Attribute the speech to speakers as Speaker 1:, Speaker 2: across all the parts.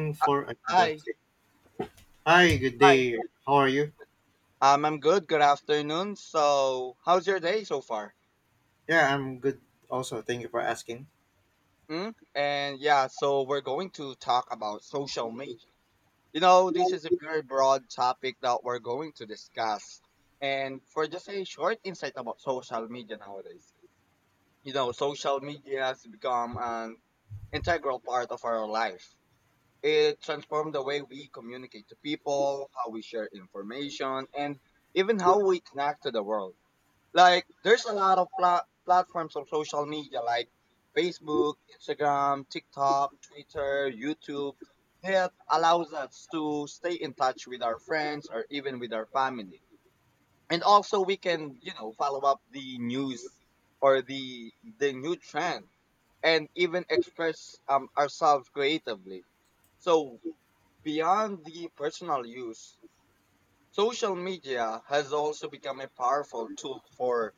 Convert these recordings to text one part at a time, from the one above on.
Speaker 1: In
Speaker 2: Uh,
Speaker 1: for another.
Speaker 2: hi,
Speaker 1: Hi, good
Speaker 2: hi.
Speaker 1: day. How are you?
Speaker 2: I'm good. Good afternoon. So, how's your day so far?
Speaker 1: Yeah, I'm good. Also, thank you for asking.
Speaker 2: Hmm? And yeah, so we're going to talk about social media. You know, this is a very broad topic that we're going to discuss. And for just a short insight about social media nowadays, you know, social media has become an integral part of our life. It transformed the way we communicate to people, how we share information, and even how we connect to the world. Like there's a lot of platforms of social media like Facebook, Instagram, TikTok, Twitter, YouTube that allows us to stay in touch with our friends or even with our family. And also we can, you know, follow up the news or the new trend and even express ourselves creatively. So beyond the personal use, social media has also become a powerful tool for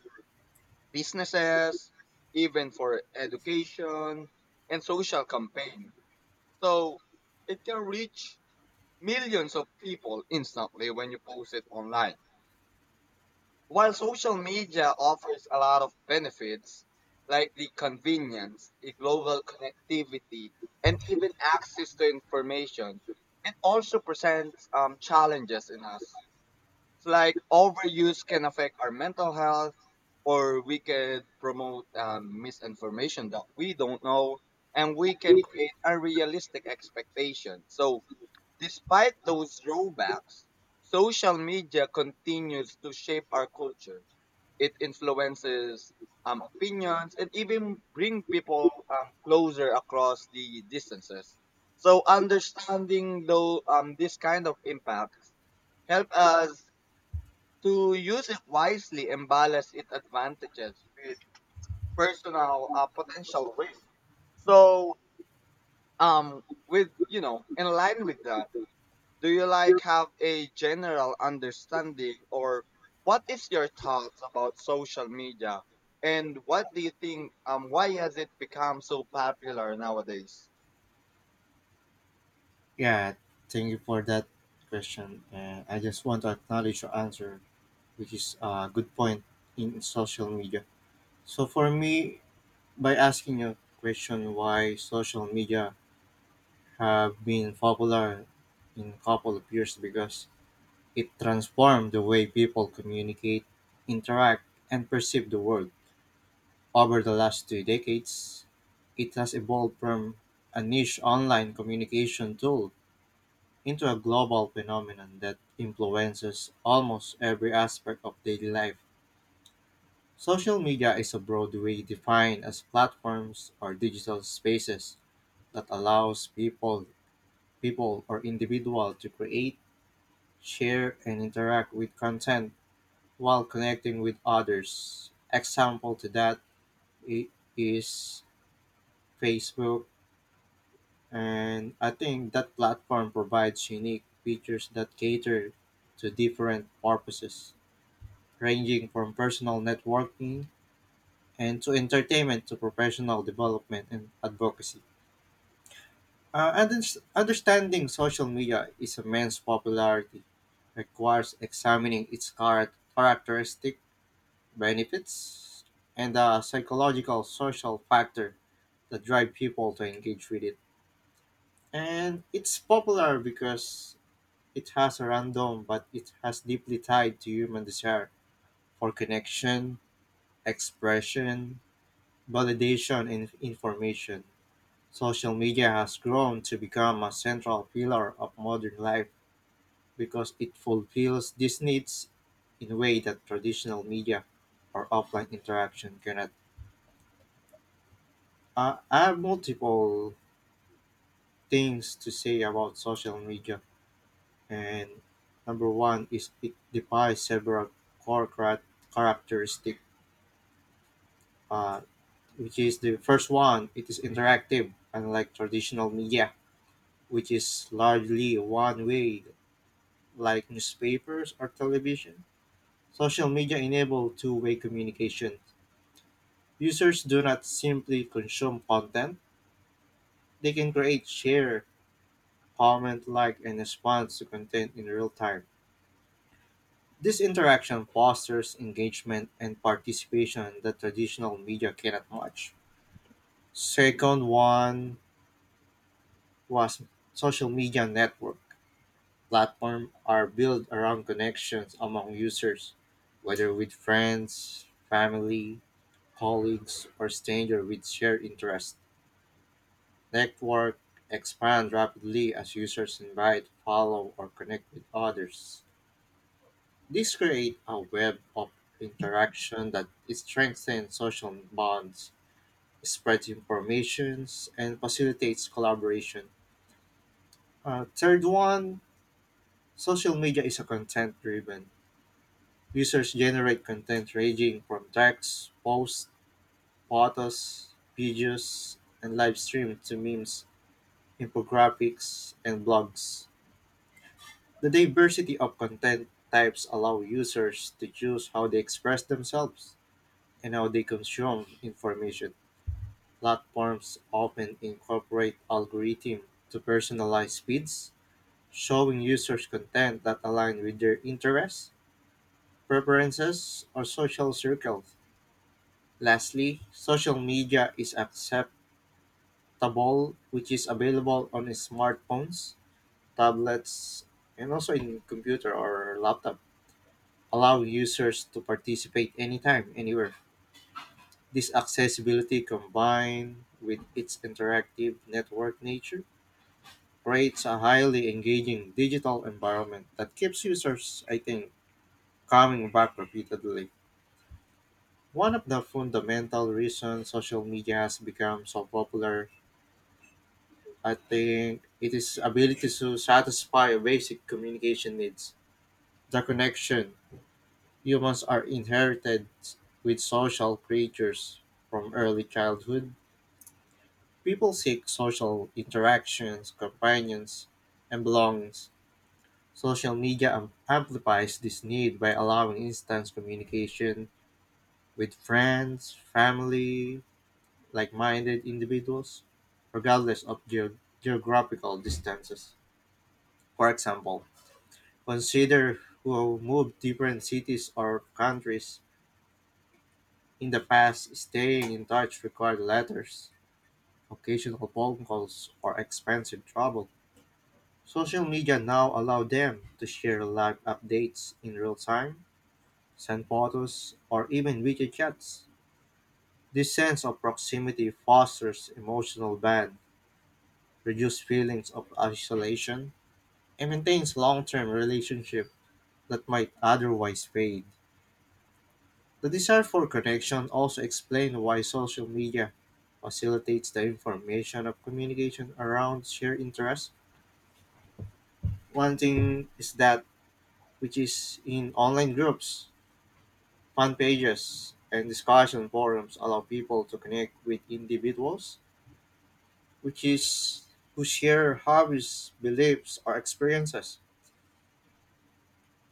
Speaker 2: businesses, even for education and social campaign. So it can reach millions of people instantly when you post it online. While social media offers a lot of benefits like the convenience, the global connectivity, and even access to information, it also presents challenges in us. It's like overuse can affect our mental health, or we could promote misinformation that we don't know, and we can create unrealistic expectations. So, despite those drawbacks, social media continues to shape our culture. It influences opinions and even bring people closer across the distances. So, understanding though this kind of impact help us to use it wisely and balance its advantages with personal potential risk. So, in line with that, do you like have a general understanding or what is your thoughts about social media and what do you think why has it become so popular nowadays?
Speaker 1: Yeah, thank you for that question. And I just want to acknowledge your answer, which is a good point in social media. So for me, by asking your question why social media have been popular in a couple of years because it transformed the way people communicate, interact, and perceive the world. Over the last 2 decades, it has evolved from a niche online communication tool into a global phenomenon that influences almost every aspect of daily life. Social media is a broad way defined as platforms or digital spaces that allows people or individual to create, share and interact with content while connecting with others. Example to that i- is Facebook. And I think that platform provides unique features that cater to different purposes, ranging from personal networking and to entertainment to professional development and advocacy. Understanding social media is immense popularity requires examining its characteristic benefits and the psychological social factor that drive people to engage with it. And it's popular because it has a random but it has deeply tied to human desire for connection, expression, validation and information. Social media has grown to become a central pillar of modern life because it fulfills these needs in a way that traditional media or offline interaction cannot. I have multiple things to say about social media, and number one is it defies several core characteristics, uh, which is the first one. It is interactive, unlike traditional media, which is largely one way, like newspapers or television. Social media enable two-way communication. Users do not simply consume content, they can create, share, comment, like, and respond to content in real time. This interaction fosters engagement and participation that traditional media cannot match. Second one was social media network. Platform are built around connections among users, whether with friends, family, colleagues, or strangers with shared interests. Network expand rapidly as users invite, follow, or connect with others. This creates a web of interaction that strengthens social bonds, spreads information, and facilitates collaboration. Third one, social media is a content driven. Users generate content ranging from texts, posts, photos, videos, and live streams to memes, infographics, and blogs. The diversity of content types allow users to choose how they express themselves and how they consume information. Platforms often incorporate algorithms to personalize feeds, showing users content that align with their interests, preferences, or social circles. Lastly, social media is acceptable, which is available on smartphones, tablets, and also in computer or laptop, allow users to participate anytime, anywhere. This accessibility combined with its interactive network nature creates a highly engaging digital environment that keeps users, I think, coming back repeatedly. One of the fundamental reasons social media has become so popular, I think, it is ability to satisfy basic communication needs. The connection humans are inherited with social creatures from early childhood. People seek social interactions, companions, and belongings. Social media amplifies this need by allowing instant communication with friends, family, like minded individuals, regardless of geographical distances. For example, consider who moved different cities or countries in the past. Staying in touch required letters, occasional phone calls, or expensive travel. Social media now allow them to share live updates in real time, send photos, or even video chats. This sense of proximity fosters emotional bond, reduces feelings of isolation, and maintains long-term relationships that might otherwise fade. The desire for connection also explains why social media facilitates the information of communication around shared interests. One thing is that, which is in online groups, fan pages, and discussion forums allow people to connect with individuals which is who share hobbies, beliefs, or experiences.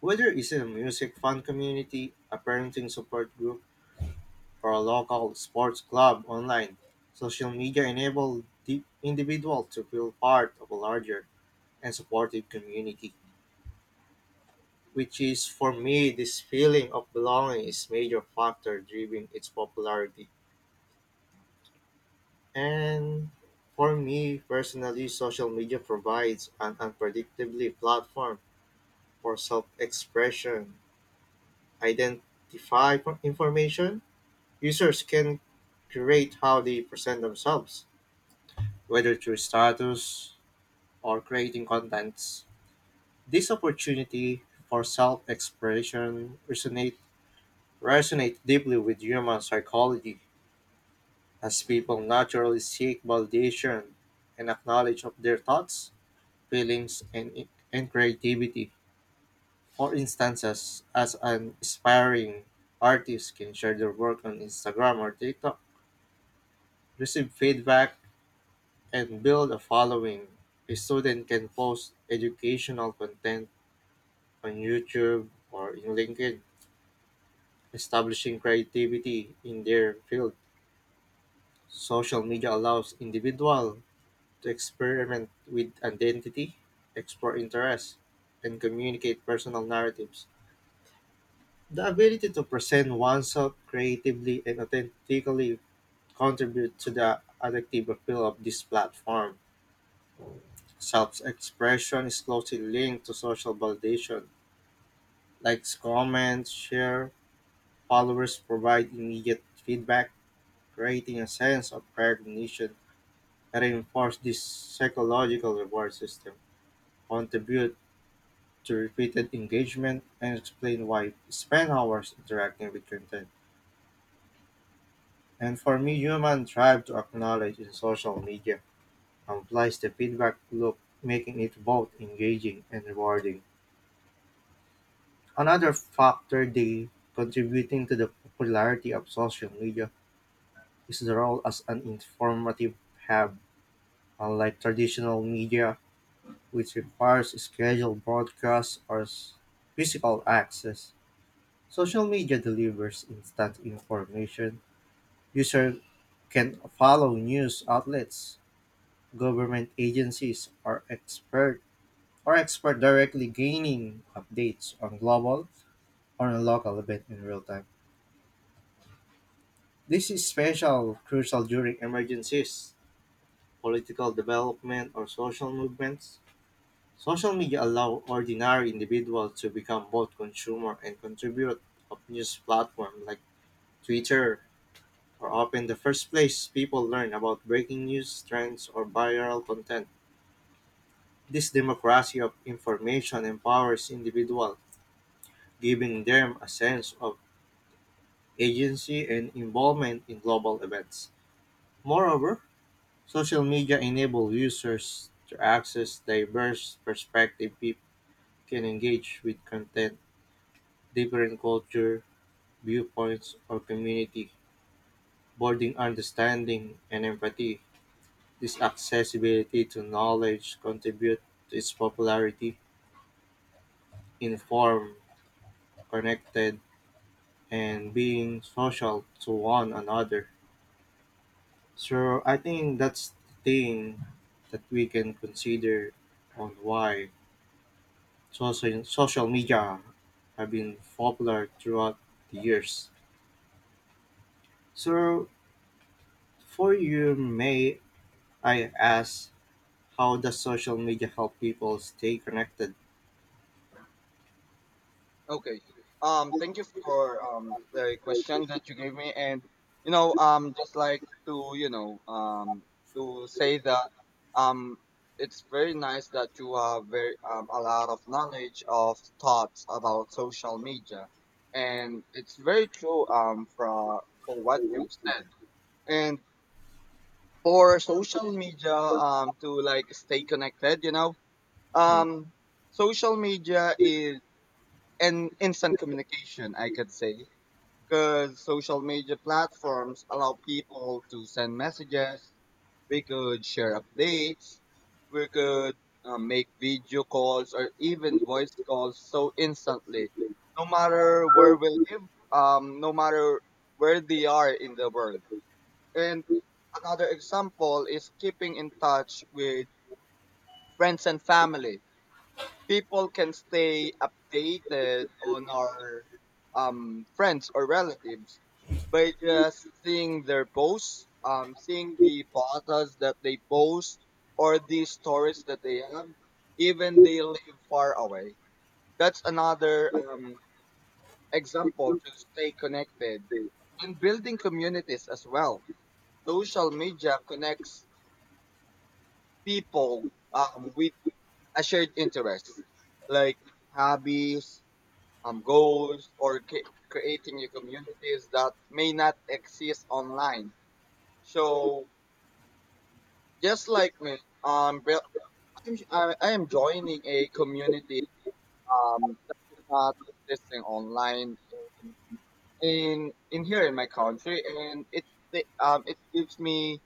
Speaker 1: Whether it's in a music fan community, a parenting support group, for a local sports club online. Social media enable the individual to feel part of a larger and supportive community, which is for me this feeling of belonging is major factor driving its popularity. And for me personally, social media provides an unpredictably platform for self-expression, identify for information. Users can curate how they present themselves, whether through status, or creating contents. This opportunity for self expression resonate deeply with human psychology, as people naturally seek validation and acknowledge of their thoughts, feelings, and creativity. For instances, as an aspiring artist can share their work on Instagram or TikTok, receive feedback, and build a following, a student can post educational content on YouTube or in LinkedIn, establishing creativity in their field. Social media allows individuals to experiment with identity, explore interests, and communicate personal narratives. The ability to present oneself creatively and authentically contribute to the addictive appeal of this platform. Self-expression is closely linked to social validation. Likes, comments, share, followers provide immediate feedback creating a sense of recognition that reinforce this psychological reward system, contribute to repeated engagement, and explain why we spend hours interacting with content. And for me, human drive to acknowledge in social media implies the feedback loop, making it both engaging and rewarding. Another factor they contributing to the popularity of social media is the role as an informative hub. Unlike traditional media which requires scheduled broadcasts or physical access. Social media delivers instant information. Users can follow news outlets, government agencies, or expert directly gaining updates on global or on local event in real time. This is special crucial during emergencies, political development, or social movements. Social media allow ordinary individuals to become both consumer and contributor of news platforms like Twitter are often the first place people learn about breaking news, trends, or viral content. This democracy of information empowers individuals, giving them a sense of agency and involvement in global events. Moreover, social media enable users to access diverse perspectives people can engage with content, different culture, viewpoints or community, building understanding and empathy. This accessibility to knowledge contribute to its popularity, informed, connected, and being social to one another. So I think that's the thing that we can consider on why social media have been popular throughout the years. So for you, may I ask, how does social media help people stay connected?
Speaker 2: Okay. Thank you for the question that you gave me, and you know, just like to you know, to say that um, it's very nice that you have very a lot of knowledge of thoughts about social media, and it's very true for what you've said, and for social media to like stay connected, you know,
Speaker 1: Mm.
Speaker 2: um, social media is an instant communication, I could say because social media platforms allow people to send messages, we could share updates, we could make video calls or even voice calls so instantly, no matter where we live, no matter where they are in the world. And another example is keeping in touch with friends and family. People can stay updated on our friends or relatives by just seeing their posts, seeing the photos that they post or the stories that they have, even they live far away. That's another example to stay connected and building communities as well. Social media connects people with a shared interest like hobbies, goals or creating your communities that may not exist online. So just like me, um, well, I am joining a community that is not existing online in, in here in my country, and it gives me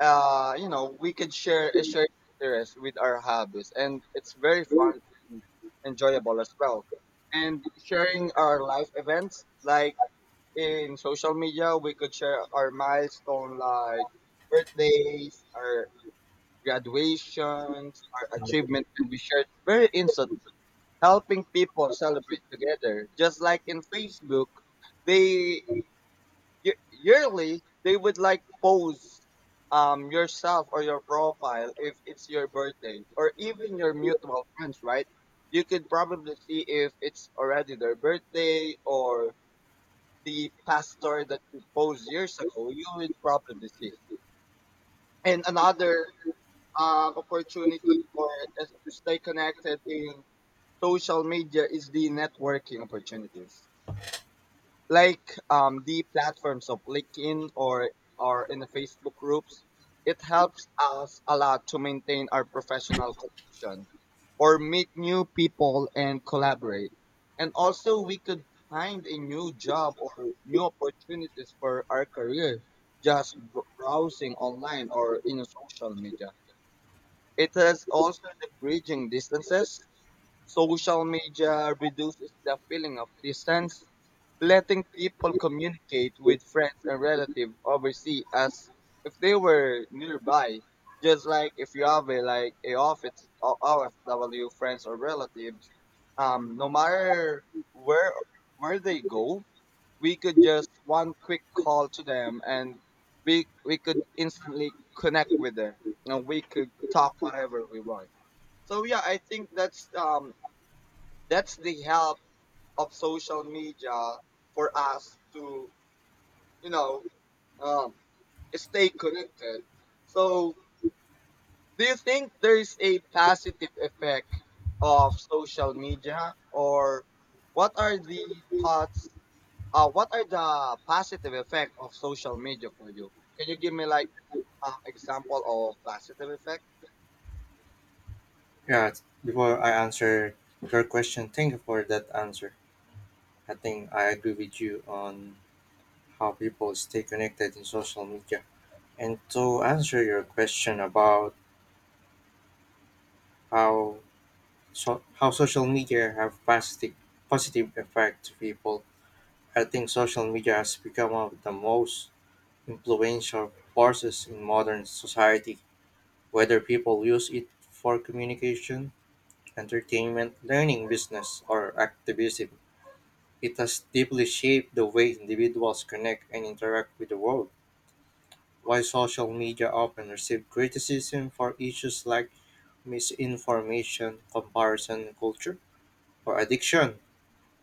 Speaker 2: you know we could share a shared interest with our hobbies, and it's very fun and enjoyable as well. And sharing our life events like in social media, we could share our milestone like birthdays, our graduations, our achievements can be shared very instantly, helping people celebrate together. Just like in Facebook, they yearly they would like post yourself or your profile if it's your birthday or even your mutual friends, right? You could probably see if it's already their birthday or the pastor that proposed years ago, you would probably see. And another opportunity for us to stay connected in social media is the networking opportunities like the platforms of LinkedIn or in the Facebook groups, it helps us a lot to maintain our professional connection or meet new people and collaborate. And also we could find a new job or new opportunities for our career just browsing online or in social media. It has also the bridging distances. Social media reduces the feeling of distance, letting people communicate with friends and relatives overseas as if they were nearby. Just like if you have a like a office or OFW friends or relatives, no matter where where they go, we could just one quick call to them and we could instantly connect with them and we could talk whatever we want. So yeah, I think that's the help of social media for us to, you know, um, stay connected. So, do you think there is a positive effect of social media, or what are the thoughts? What are the positive effect of social media for you? Can you give me like an example of positive effect?
Speaker 1: Yeah, before I answer your question, thank you for that answer. I think I agree with you on how people stay connected in social media. And to answer your question about how how social media have positive effect to people, I think social media has become one of the most influential forces in modern society. Whether people use it for communication, entertainment, learning, business, or activism, it has deeply shaped the way individuals connect and interact with the world. While social media often receive criticism for issues like misinformation, comparison culture, or addiction,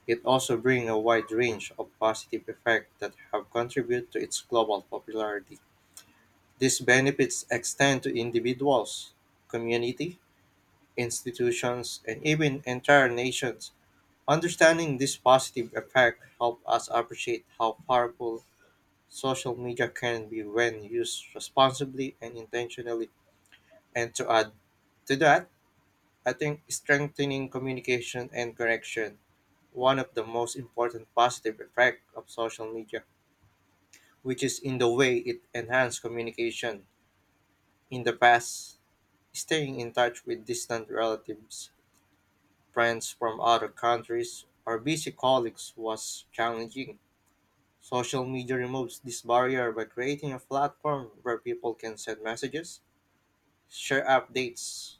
Speaker 1: it also brings a wide range of positive effects that have contributed to its global popularity. These benefits extend to individuals, community, institutions, and even entire nations. Understanding this positive effect help us appreciate how powerful social media can be when used responsibly and intentionally. And to add to that, I think strengthening communication and connection, one of the most important positive effect of social media, which is in the way it enhanced communication. In the past, staying in touch with distant relatives, friends from other countries, or busy colleagues was challenging. Social media removes this barrier by creating a platform where people can send messages, share updates,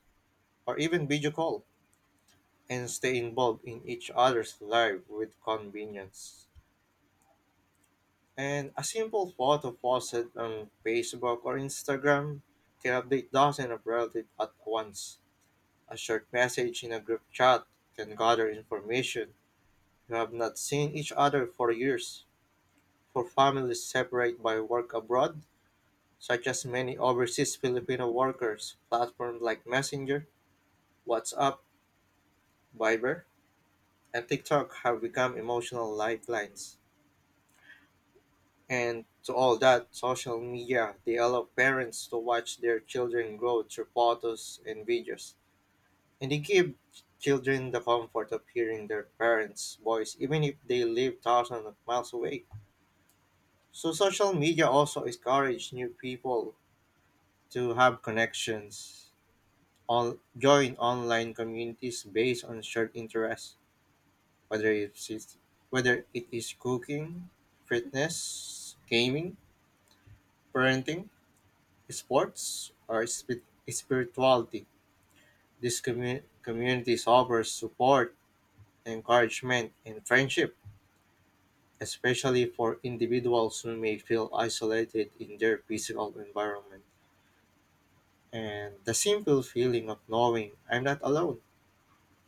Speaker 1: or even video call and stay involved in each other's life with convenience. And a simple photo posted on Facebook or Instagram can update dozens of relatives at once. A short message in a group chat can gather information you have not seen each other for years. For families separated by work abroad, such as many overseas Filipino workers, platforms like Messenger, WhatsApp, Viber, and TikTok have become emotional lifelines. And to all that, social media, they allow parents to watch their children grow through photos and videos. And they give children the comfort of hearing their parents' voice, even if they live thousands of miles away. So social media also encourages new people to have connections on, join online communities based on shared interests, whether it's it's- whether it is cooking, fitness, gaming, parenting, sports, or spirituality. These communities offer support, encouragement, and friendship, especially for individuals who may feel isolated in their physical environment. And the simple feeling of knowing I'm not alone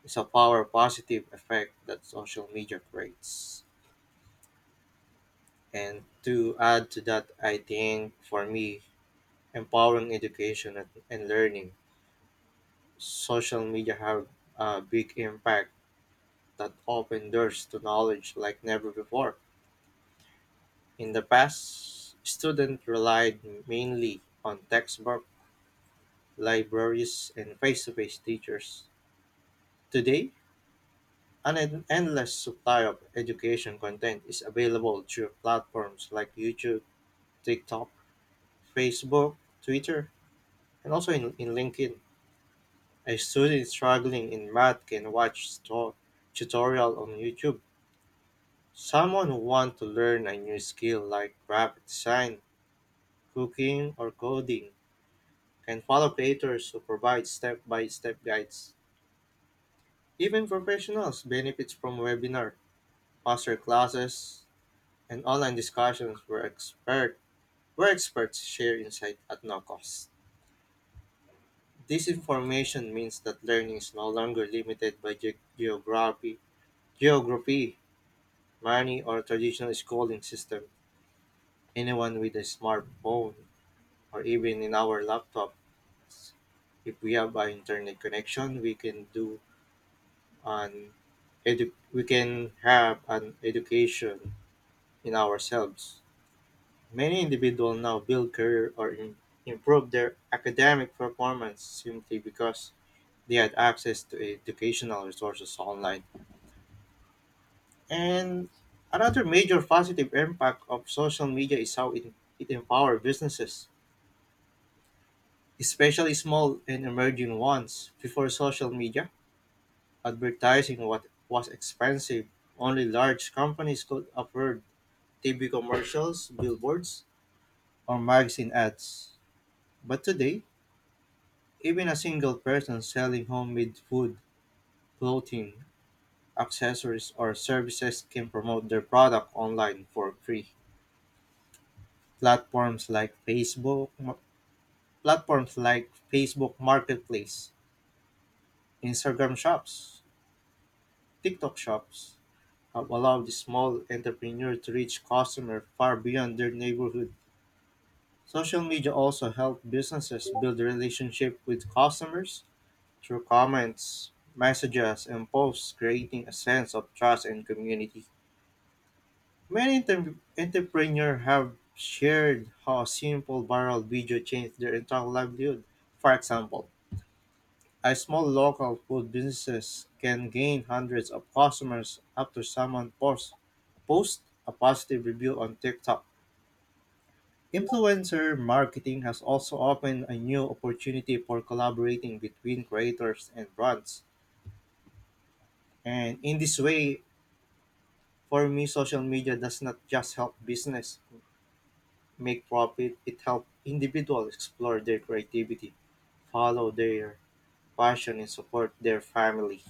Speaker 1: is a power positive effect that social media creates. And to add to that, I think for me, empowering education and learning, social media have a big impact that open doors to knowledge like never before. In the past, students relied mainly on textbook, libraries, and face-to-face teachers. Today, an endless supply of education content is available through platforms like YouTube, TikTok, Facebook, Twitter, and also in LinkedIn. A student struggling in math can watch tutorial on YouTube. Someone who wants to learn a new skill like graphic design, cooking, or coding can follow creators who provide step-by-step guides. Even professionals benefits from webinar, master classes, and online discussions where experts share insight at no cost. This information means that learning is no longer limited by geography, money, or traditional schooling system. Anyone with a smartphone or even in our laptops, if we have an internet connection, an we can have an education in ourselves. Many individuals now build career or improve their academic performance simply because they had access to educational resources online. And another major positive impact of social media is how it empowers businesses, especially small and emerging ones. Before social media, advertising what was expensive. Only large companies could afford TV commercials, billboards, or magazine ads. But today, even a single person selling homemade food, clothing, accessories, or services can promote their product online for free. platforms like Facebook, Platforms like Facebook Marketplace, Instagram Shops, TikTok Shops have allowed small entrepreneurs to reach customers far beyond their neighborhood. Social media also help businesses build relationship with customers through comments, messages, and posts, creating a sense of trust and community. Many entrepreneurs have shared how a simple viral video changed their entire livelihood. For example, a small local food business can gain hundreds of customers after someone posts a positive review on TikTok. Influencer marketing has also opened a new opportunity for collaborating between creators and brands. And in this way, for me, social media does not just help business make profit, it helps individuals explore their creativity, follow their passion, and support their family.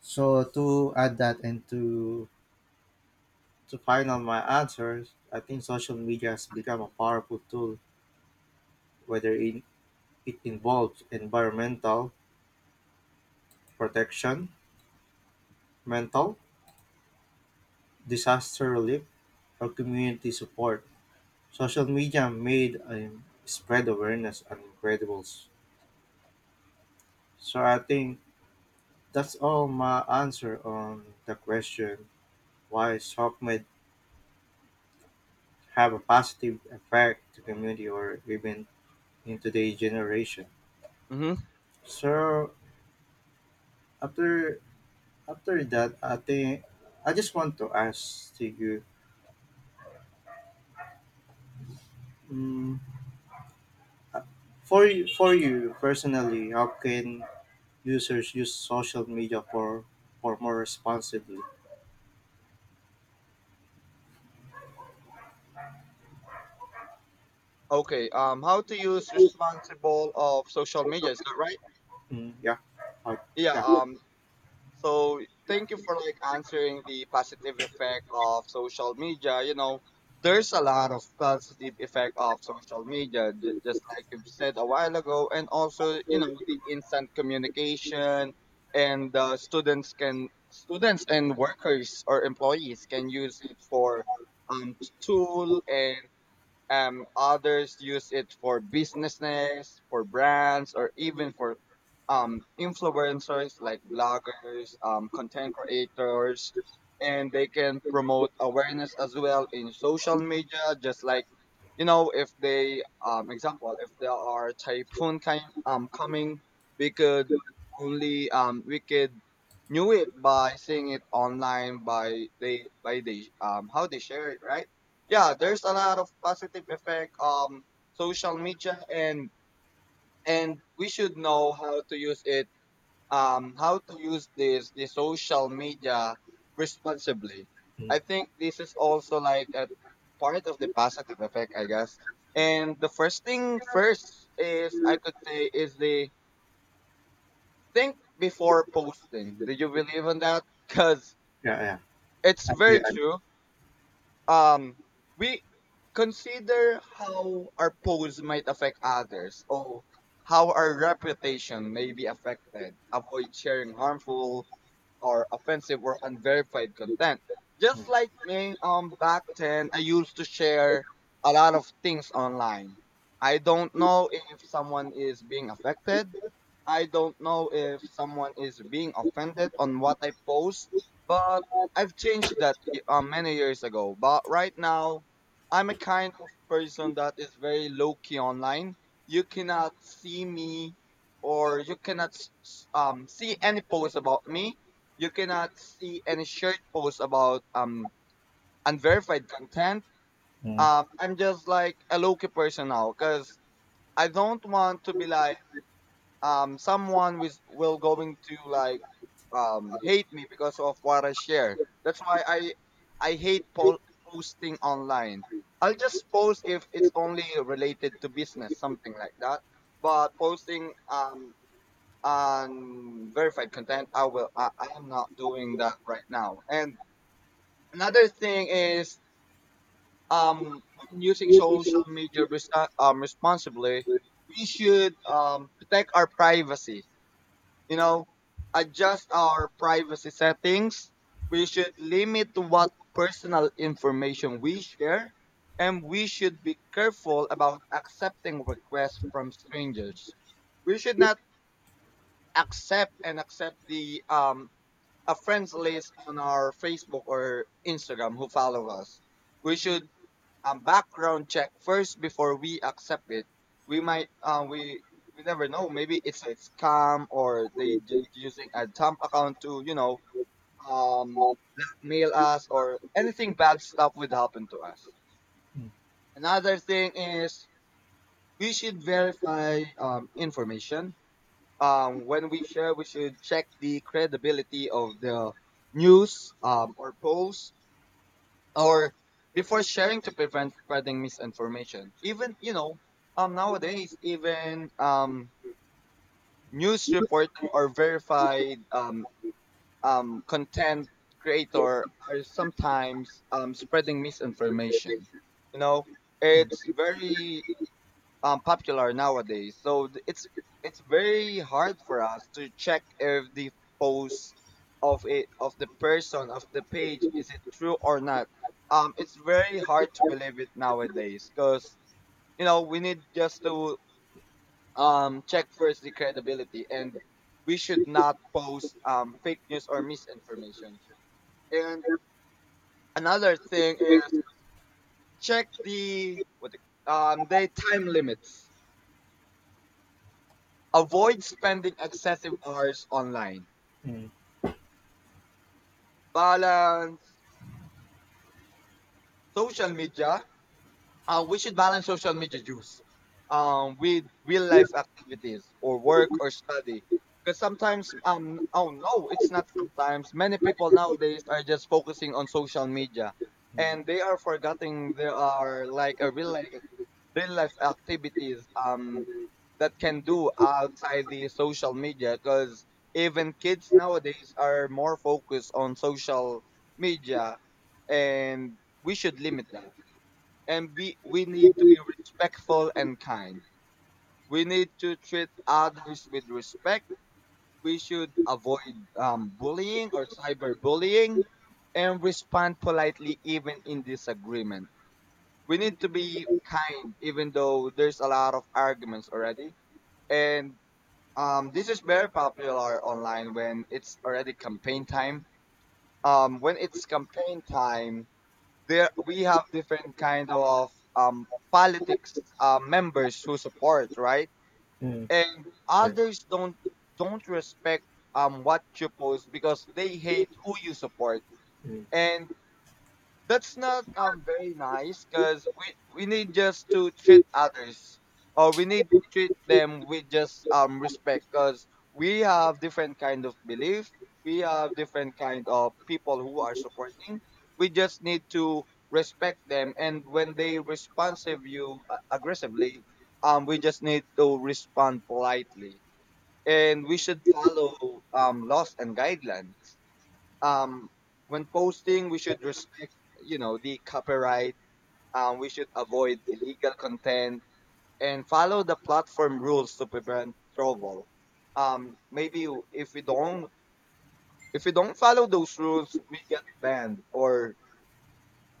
Speaker 1: So to add that and to final my answer, I think social media has become a powerful tool, whether in, it involves environmental protection, mental, disaster relief, or community support. Social media made spread awareness and incredible. So I think that's all my answer on the question why soap may have a positive effect to community or even in today's generation.
Speaker 2: Hmm.
Speaker 1: So after After that, I think I just want to ask to you, mm, for you, personally, how can users use social media for more responsibly?
Speaker 2: Okay. How to use responsible of social media? Is that right?
Speaker 1: Mm, yeah, I,
Speaker 2: Yeah.
Speaker 1: yeah,
Speaker 2: So thank you for like answering the positive effect of social media. You know, there's a lot of positive effect of social media, just like you've said a while ago, and also you know the instant communication and students can students and workers or employees can use it for tool and others use it for businesses, for brands, or even for influencers like bloggers, content creators, and they can promote awareness as well in social media. Just like you know, if they, example, if there are typhoon kind coming, we could only we could knew it by seeing it online by they how they share it, right? Yeah, there's a lot of positive effect social media, and we should know how to use it, how to use this the social media responsibly.
Speaker 1: mm,
Speaker 2: I think this is also like a part of the positive effect, I guess. And the first thing first is I could say is the think before posting. Do you believe in that? Because
Speaker 1: yeah, yeah.
Speaker 2: it's
Speaker 1: I agree.
Speaker 2: very true. Um we consider how our pose might affect others or how our reputation may be affected. Avoid sharing harmful or offensive or unverified content. Just
Speaker 1: Mm,
Speaker 2: like me, back then, I used to share a lot of things online. I don't know if someone is being affected. I don't know if someone is being offended on what I post, but I've changed that many years ago. But right now, I'm a kind of person that is very low key online. You cannot see me or you cannot see any post about me. You cannot see any shared posts about unverified content.
Speaker 1: mm,
Speaker 2: I'm just like a low-key person now because I don't want to be like someone with will going to like hate me because of what I share. That's why I hate posting online. I'll just post if it's only related to business, something like that. But posting on verified content, I will. I am not doing that right now, and another thing is um, when using social media responsibly, we should protect our privacy. You know, adjust our privacy settings. We should limit what personal information we share, and we should be careful about accepting requests from strangers. We should not accept the a friends list on our Facebook or Instagram who follow us. We should a background check first before we accept it. We might, we never know. Maybe it's a scam or they just using a dump account to, you know, um, mail us or anything bad stuff would happen to us.
Speaker 1: mm,
Speaker 2: Another thing is we should verify information. When we share, we should check the credibility of the news or post or before sharing to prevent spreading misinformation. Even you know, nowadays even news reporting or verified content creator are sometimes spreading misinformation. You know, it's
Speaker 1: mm,
Speaker 2: very popular nowadays. So it's very hard for us to check if the post of it of the person of the page is it true or not. It's very hard to believe it nowadays because you know we need just to check first the credibility and we should not post fake news or misinformation. And another thing is check the the time limits. Avoid spending excessive hours online.
Speaker 1: mm,
Speaker 2: Balance social media. We should balance social media use with real life activities or work or study. Because sometimes, oh no, it's not sometimes. Many people nowadays are just focusing on social media, and
Speaker 1: mm,
Speaker 2: they are forgetting there are like a real life activities that can do outside the social media, because even kids nowadays are more focused on social media, and we should limit that. And we need to be respectful and kind. We need to treat others with respect. We should avoid bullying or cyberbullying, and respond politely even in disagreement. We need to be kind even though there's a lot of arguments already. And this is very popular online when it's already campaign time. Um, when it's campaign time, there we have different kind of um, politics members who support, right,
Speaker 1: mm,
Speaker 2: and
Speaker 1: okay,
Speaker 2: others don't. Don't respect what you post because they hate who you support.
Speaker 1: mm.
Speaker 2: And that's not very nice, because we need just to treat others, or we need to treat them with just respect, because we have different kind of belief, we have different kind of people who are supporting. We just need to respect them. And when they responsive you aggressively, we just need to respond politely. And we should follow laws and guidelines. um when posting, we should respect, you know, the copyright. We should avoid illegal content and follow the platform rules to prevent trouble. Maybe if we don't, if we don't follow those rules, we get banned, or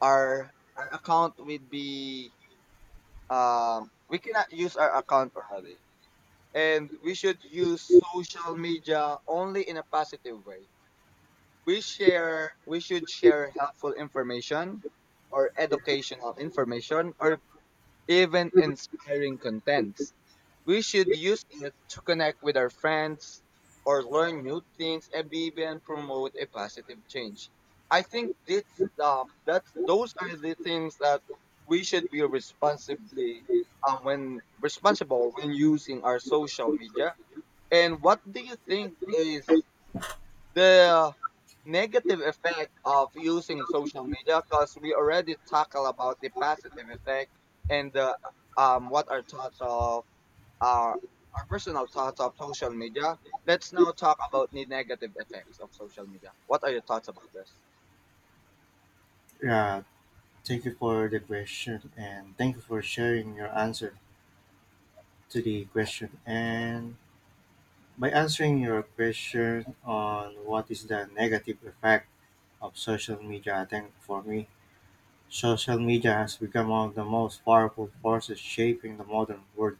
Speaker 2: our our account will be, we cannot use our account already. And we should use social media only in a positive way. We should share helpful information or educational information or even inspiring contents. We should use it to connect with our friends or learn new things and even promote a positive change. I think this, that those are the things that we should be responsibly, when responsible when using our social media. And what do you think is the negative effect of using social media, because we already tackle about the positive effect and the, what our thoughts of our our personal thoughts of social media. Let's now talk about the negative effects of social media. What are your thoughts about this?
Speaker 1: Yeah, thank you for the question and thank you for sharing your answer to the question. And by answering your question on what is the negative effect of social media, I think for me, social media has become one of the most powerful forces shaping the modern world,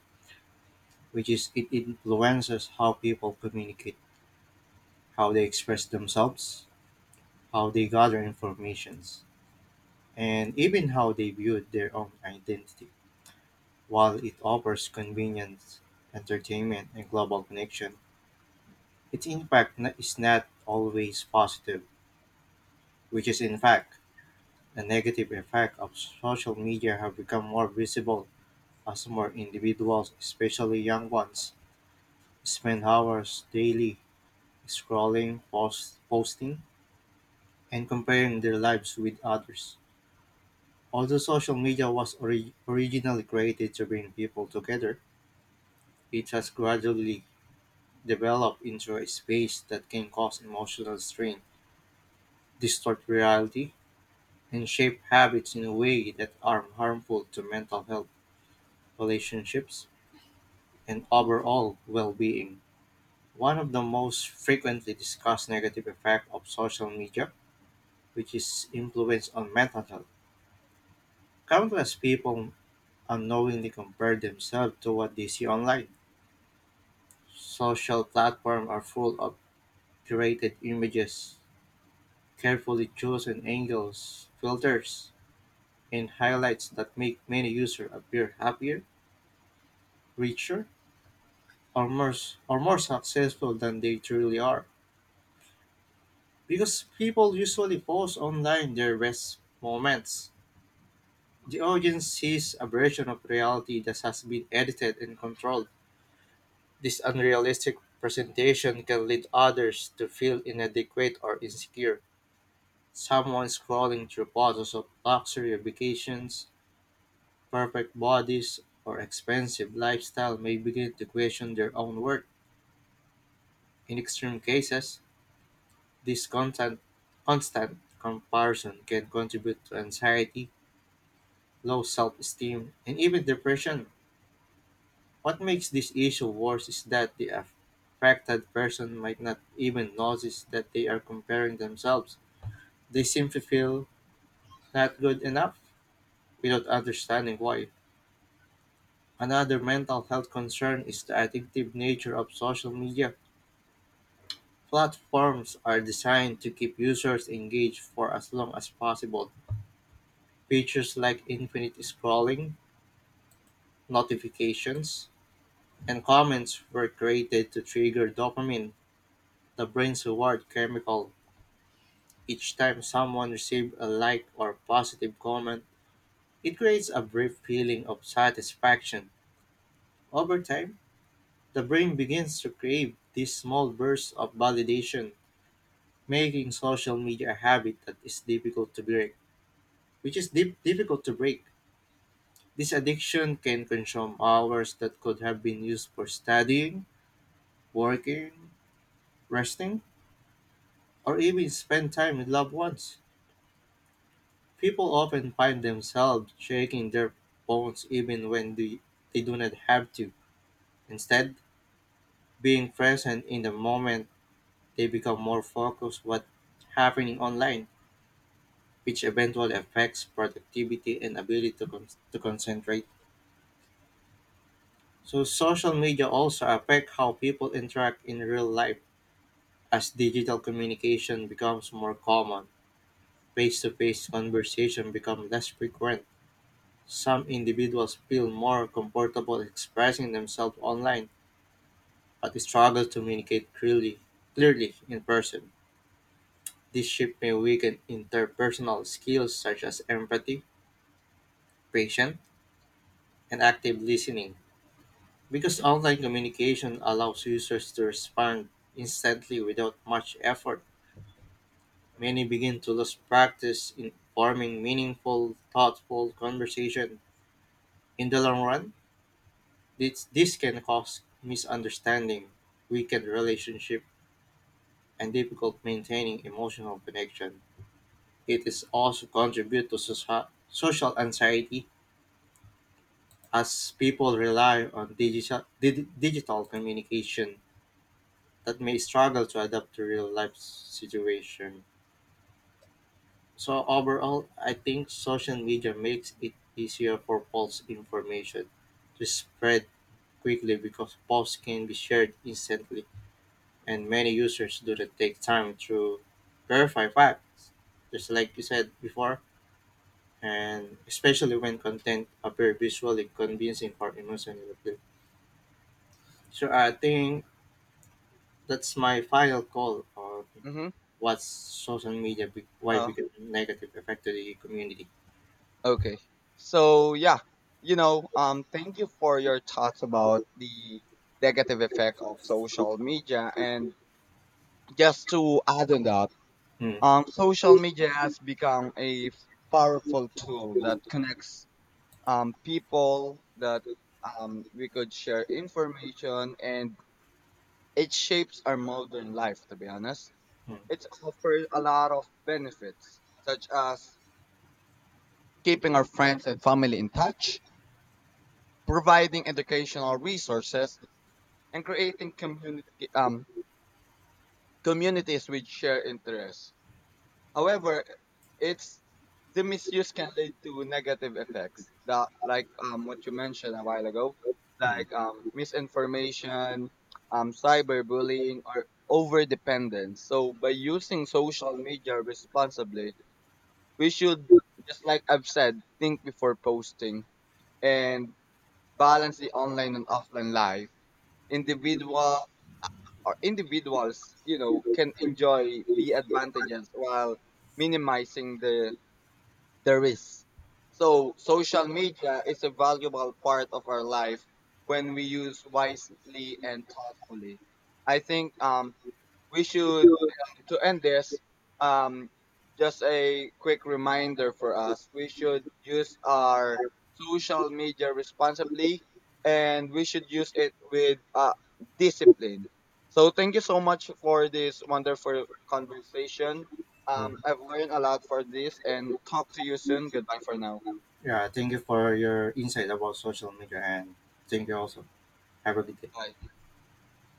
Speaker 1: which is it influences how people communicate, how they express themselves, how they gather informations, and even how they view their own identity. While it offers convenience, entertainment, and global connection, its impact is not always positive, which is in fact a negative effect of social media have become more visible. As more individuals, especially young ones, spend hours daily scrolling, posting, and comparing their lives with others. Although social media was originally created to bring people together, it has gradually developed into a space that can cause emotional strain, distort reality, and shape habits in a way that are harmful to mental health, relationships, and overall well being. One of the most frequently discussed negative effect of social media, which is influence on mental health. Countless people unknowingly compare themselves to what they see online. Social platforms are full of curated images, carefully chosen angles, filters, and highlights that make many users appear happier, richer, or more, or more successful than they truly are. Because people usually post online their best moments. The audience sees a version of reality that has been edited and controlled. This unrealistic presentation can lead others to feel inadequate or insecure. Someone scrolling through photos of luxury vacations, perfect bodies, or expensive lifestyle may begin to question their own worth. In extreme cases, this constant comparison can contribute to anxiety, low self esteem, and even depression. What makes this issue worse is that the affected person might not even notice that they are comparing themselves. They simply feel not good enough without understanding why. Another mental health concern is the addictive nature of social media. Platforms are designed to keep users engaged for as long as possible. Features like infinite scrolling, notifications, and comments were created to trigger dopamine, the brain's reward chemical. Each time someone receives a like or positive comment, it creates a brief feeling of satisfaction. Over time, the brain begins to crave these small bursts of validation, making social media a habit that is difficult to break, which is difficult to break. This addiction can consume hours that could have been used for studying, working, resting, or even spend time with loved ones. People often find themselves shaking their bones even when they do not have to. Instead, being present in the moment, they become more focused what's happening online, which eventually affects productivity and ability to concentrate. So, social media also affect how people interact in real life. As digital communication becomes more common, face-to-face conversation becomes less frequent. Some individuals feel more comfortable expressing themselves online but struggle to communicate clearly in person. This shift may weaken interpersonal skills such as empathy, patience, and active listening. Because online communication allows users to respond instantly without much effort, many begin to lose practice in forming meaningful, thoughtful conversation. In the long run, this can cause misunderstanding, weaken relationship, and difficult maintaining emotional connection. It is also contribute to social anxiety as people rely on digital communication that may struggle to adapt to real life situation. So overall, I think social media makes it easier for false information to spread quickly because posts can be shared instantly and many users do not take time to verify facts, just like you said before, and especially when content appear visually convincing or emotionally appealing. So I think that's my final call on
Speaker 2: Mm-hmm.
Speaker 1: what's social media, why
Speaker 2: uh
Speaker 1: become negative effect to the community.
Speaker 2: okay, so yeah, you know, thank you for your thoughts about the negative effect of social media. And just to add on that,
Speaker 1: Mm,
Speaker 2: Social media has become a powerful tool that connects people, that we could share information, and it shapes our modern life, to be honest.
Speaker 1: mm,
Speaker 2: It offers a lot of benefits, such as keeping our friends and family in touch, providing educational resources, and creating community, um, communities with shared interests. However, it's the misuse can lead to negative effects that, like what you mentioned a while ago,
Speaker 1: mm,
Speaker 2: like misinformation, cyberbullying, or over dependence. So by using social media responsibly, we should, just like I've said, think before posting and balance the online and offline life. Individual or individuals, you know, can enjoy the advantages while minimizing the there is. So social media is a valuable part of our life when we use wisely and thoughtfully. I think we should, to end this, um just a quick reminder for us, we should use our social media responsibly, and we should use it with discipline. So thank you so much for this wonderful conversation.
Speaker 1: mm.
Speaker 2: I've learned a lot for this, and talk to you soon. Goodbye for now.
Speaker 1: Yeah, thank you for your insight about social media, and thank you also. Have a good day.
Speaker 2: Bye.